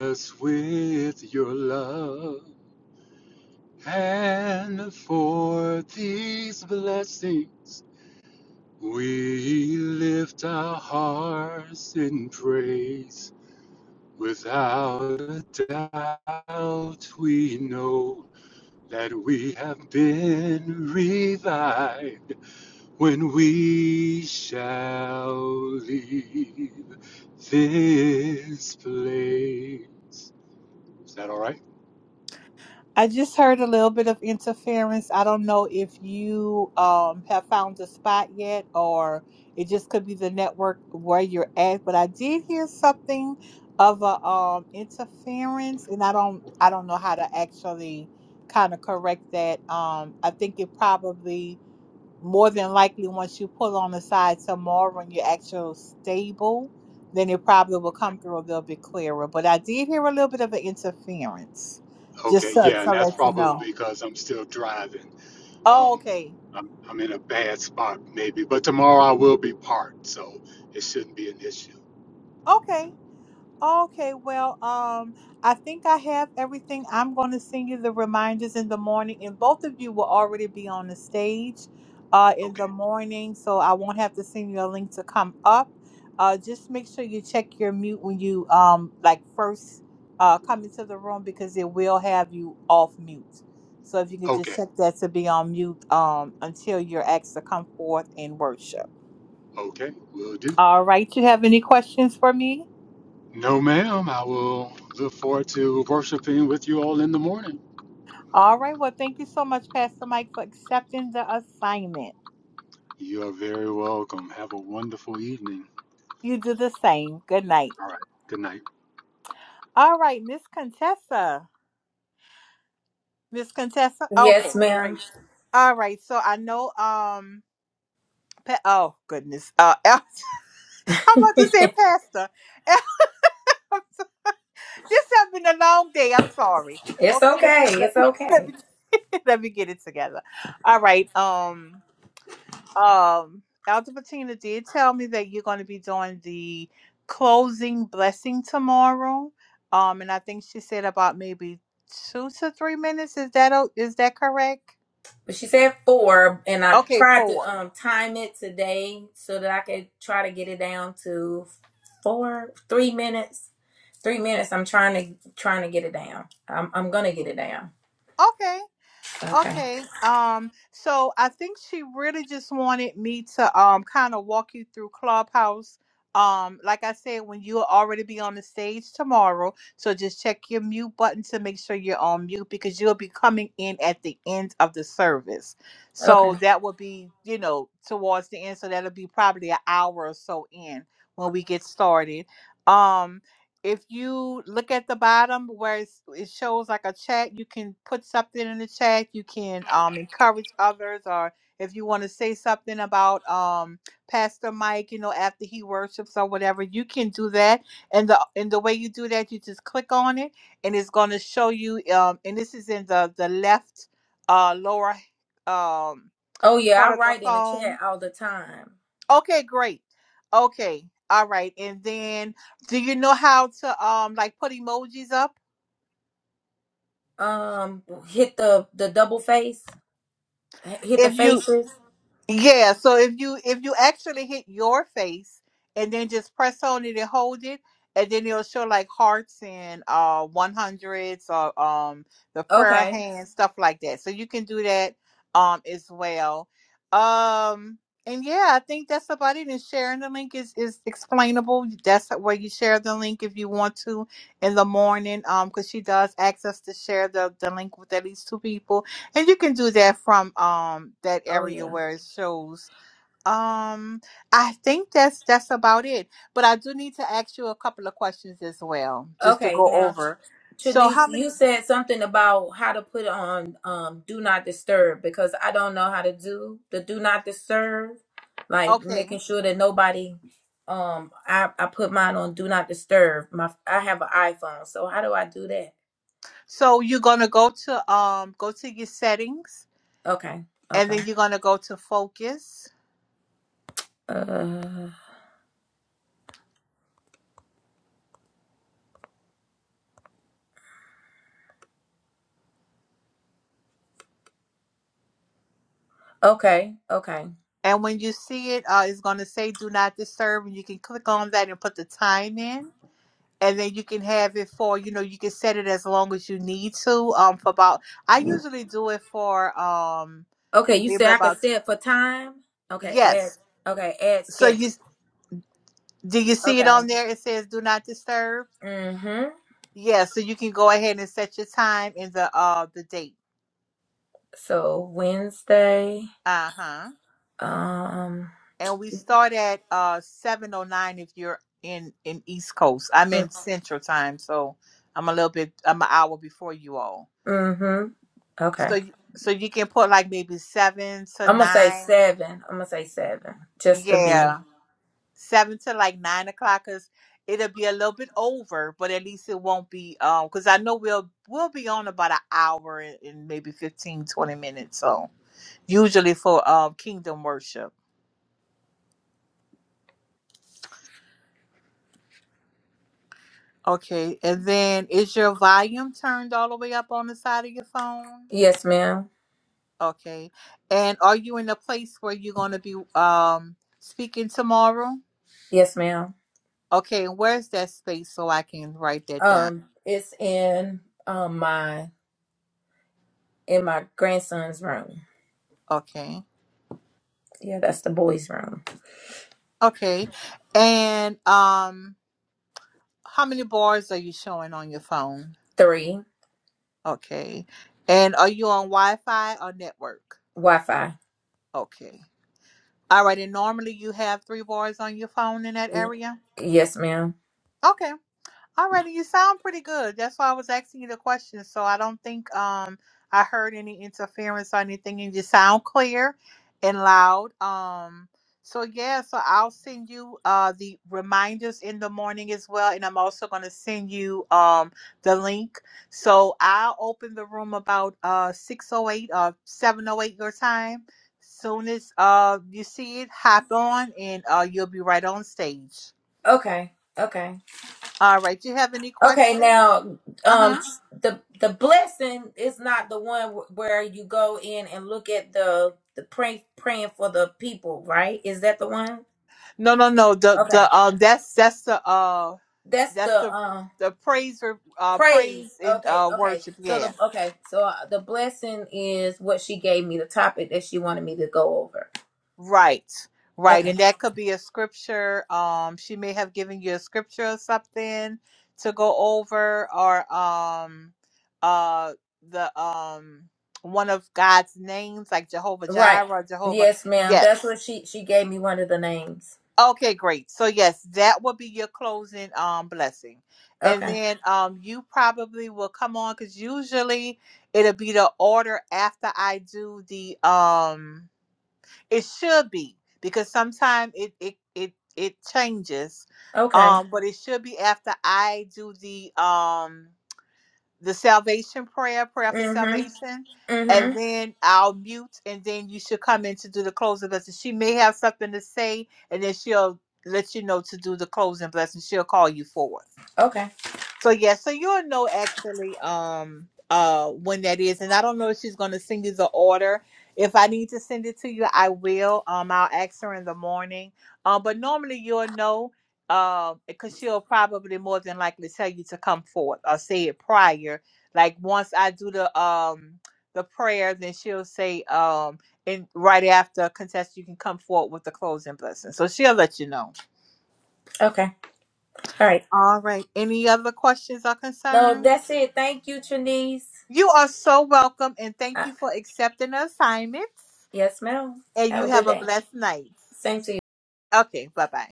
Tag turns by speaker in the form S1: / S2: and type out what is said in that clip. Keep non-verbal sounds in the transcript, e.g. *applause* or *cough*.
S1: us with your love. And for these blessings, we lift our hearts in praise. Without a doubt, we know that we have been revived when we shall leave this place. Is that all right?
S2: I just heard a little bit of interference. I don't know if you um have found a spot yet or it just could be the network where you're at, but I did hear something of a um interference and I don't I don't know how to actually kind of correct that. Um I think it probably more than likely once you pull on the side tomorrow and you're actually stable, then it probably will
S1: Okay.
S2: come through a little bit clearer. But I did hear a little bit of an interference, just
S1: Okay,
S2: so
S1: yeah, and
S2: to
S1: that's
S2: let you
S1: probably
S2: know.
S1: because I'm still driving.
S2: Oh,
S1: Um,
S2: okay,
S1: I'm, I'm in a bad spot, maybe, but tomorrow I will be parked, so it shouldn't be an issue.
S2: okay. Okay, well, um, I think I have everything. I'm going to send you the reminders in the morning, and both of you will already be on the stage uh, in the
S1: Okay,
S2: morning, so I won't have to send you a link to come up. Uh, just make sure you check your mute when you um like first uh come into the room because it will have you off mute. So if you could just
S1: okay,
S2: check that to be on mute um until you're asked to come forth and worship.
S1: okay, will do.
S2: All right, you have any questions for me?
S1: No, ma'am, I will look forward to worshiping with you all in the morning.
S2: All right. Well, thank you so much, Pastor Mike, for accepting the assignment.
S1: You are very welcome. Have a wonderful evening.
S2: You do the same. Good night.
S1: All right, good night.
S2: All right, Miss Contessa. Miss Contessa.
S3: Yes,
S2: Okay,
S3: ma'am.
S2: great. All right. So I know. Um. Pa- oh goodness. Uh, *laughs* I'm about to say Pastor. *laughs* I'm so- this has been a long day. I'm sorry.
S3: It's
S2: Okay. Let
S3: okay.
S2: me let
S3: It's
S2: me *laughs* let
S3: okay.
S2: me, *laughs* let me get it together. All right. Um. Um, Elder Patina did tell me that you're going to be doing the closing blessing tomorrow. Um, and I think she said about maybe two to three minutes. Is that o- is that correct?
S3: But she said four, and I
S2: Okay,
S3: tried to
S2: four.
S3: um time it today so that I could try to get it down to four, three minutes. Three minutes. I'm trying to trying to get it down. I'm I'm gonna get it down.
S2: Okay.
S3: Okay.
S2: Okay. Um, so I think she really just wanted me to um kind of walk you through Clubhouse. Um, like I said, when you'll already be on the stage tomorrow. So just check your mute button to make sure you're on mute because you'll be coming in at the end of the service. So
S3: Okay.
S2: that will be, you know, towards the end. So that'll be probably an hour or so in when we get started. Um if you look at the bottom where it's, it shows like a chat, you can put something in the chat. You can um, encourage others, or if you want to say something about um, Pastor Mike, you know, after he worships or whatever, you can do that. And the and the way you do that, you just click on it, and it's going to show you. Um, and this is in the the left uh, lower um,
S3: Oh yeah,
S2: part
S3: I
S2: of the
S3: write in the
S2: phone
S3: chat all the time.
S2: Okay, great. Okay. All right. And then do you know how to um like put emojis up?
S3: Um, hit the the double face. H- Hit the
S2: If you.
S3: faces.
S2: Yeah, so if you if you actually hit your face and then just press on it and hold it, and then it'll show like hearts and uh one hundreds or um the prayer
S3: Okay.
S2: hands stuff like that. So you can do that um as well. Um and yeah, I think that's about it. And sharing the link is is explainable. That's where you share the link if you want to in the morning. Um, because she does ask us to share the the link with at least two people and you can do that from um that
S3: Oh
S2: area
S3: yeah.
S2: where it shows. Um I think that's that's about it. But I do need to ask you a couple of questions as well, just to
S3: Okay.
S2: go
S3: Now
S2: over. So how
S3: Shanice,
S2: many
S3: you said something about how to put on um do not disturb because I don't know how to do the do not disturb, like
S2: okay.
S3: making sure that nobody um I, I put mine on do not disturb. My I have an iPhone, so how do I do that?
S2: So you're gonna go to um go to your settings
S3: Okay,
S2: and
S3: okay.
S2: then you're gonna go to focus.
S3: Uh okay, okay.
S2: And when you see it, uh, it's gonna say do not disturb and you can click on that and put the time in and then you can have it for you know you can set it as long as you need to um for about i usually do it for um
S3: Okay, you
S2: maybe
S3: said I could
S2: about
S3: set for time? Okay, add
S2: yes
S3: okay, add
S2: so you
S3: schedule.
S2: do you see it
S3: Okay.
S2: on there it says do not disturb
S3: Mm-hmm.
S2: yeah so you can go ahead and set your time and the uh the date
S3: So Wednesday,
S2: uh-huh
S3: um
S2: and we start at uh 709 if you're in in east coast i'm in central time so i'm a little bit i'm an hour before you all
S3: Mm-hmm.
S2: so
S3: Okay.
S2: you so you can put like maybe seven to
S3: I'm gonna say
S2: nine
S3: seven. I'm gonna say seven, just to be.
S2: Yeah, seven to like nine o'clock, cause it'll be a little bit over, but at least it won't be um, cause I know we'll we'll be on about an hour and, and maybe 15 20 minutes. So usually for um kingdom worship. Okay, and then is your volume turned all the way up on the side of your phone?
S3: Yes, ma'am.
S2: Okay, and are you in a place where you're gonna be um speaking tomorrow?
S3: Yes, ma'am.
S2: Okay, and where's that space so I can write that down?
S3: Um, it's in um my in my grandson's room.
S2: Okay.
S3: Yeah, that's the boys' room.
S2: Okay. And um how many bars are you showing on your phone?
S3: Three
S2: Okay. And are you on Wi-Fi or network?
S3: Wi-Fi.
S2: Okay. All right. And normally you have three bars on your phone in that
S3: Y-
S2: area?
S3: Yes, ma'am.
S2: Okay. Alrighty, you sound pretty good. That's why I was asking you the question. So I don't think um I heard any interference or anything. And you sound clear and loud. Um so yeah, so I'll send you uh the reminders in the morning as well. And I'm also gonna send you um the link. So I'll open the room about uh six oh eight or seven oh eight your time. Soon as uh you see it, hop on and uh you'll be right on stage.
S3: Okay. Okay.
S2: All right, do you have any
S3: Okay.
S2: questions?
S3: Now, um,
S2: Uh-huh.
S3: the the blessing is not the one wh- where you go in and look at the the pray praying for the people, right? Is that the one?
S2: No, no, no. The
S3: Okay.
S2: the um that's that's the uh
S3: That's
S2: that's the
S3: the um.
S2: the praise or uh
S3: Praise.
S2: praise and
S3: Okay,
S2: uh
S3: okay.
S2: worship,
S3: So
S2: yeah.
S3: the okay, so uh, the blessing is what she gave me, the topic that she wanted me to go over.
S2: Right. Right.
S3: Okay.
S2: And that could be a scripture. Um she may have given you a scripture or something to go over or um uh the um one of God's names like Jehovah
S3: Right.
S2: Jireh, Jehovah.
S3: Yes, ma'am. That's
S2: Yes.
S3: what she she gave me one of the names.
S2: Okay, great. So yes, that will be your closing um blessing. And
S3: Okay.
S2: then um you probably will come on because usually it'll be the order after I do the um it should be because sometimes it it it it changes.
S3: Okay.
S2: Um but it should be after I do the um the salvation prayer, prayer for
S3: Mhm.
S2: salvation, and
S3: Mhm.
S2: then I'll mute, and then you should come in to do the closing blessing. She may have something to say, and then she'll let you know to do the closing blessing. She'll call you forth.
S3: Okay.
S2: So yeah, so you'll know actually um uh when that is, and I don't know if she's gonna send you the order. If I need to send it to you, I will. Um, I'll ask her in the morning. Um, but normally you'll know, um, because she'll probably more than likely tell you to come forth or say it prior. Like once I do the um the prayer, then she'll say um and right after contest you can come forward with the closing blessing. So she'll let you know.
S3: Okay. All right.
S2: All right. Any other questions or
S3: No,
S2: concerns?
S3: that's it. Thank you, Trinice.
S2: You are so welcome, and thank
S3: Uh,
S2: you for accepting the assignments.
S3: yes, ma'am.
S2: And you
S3: Have a good
S2: have a
S3: day.
S2: blessed night.
S3: Same to you.
S2: Okay, bye bye.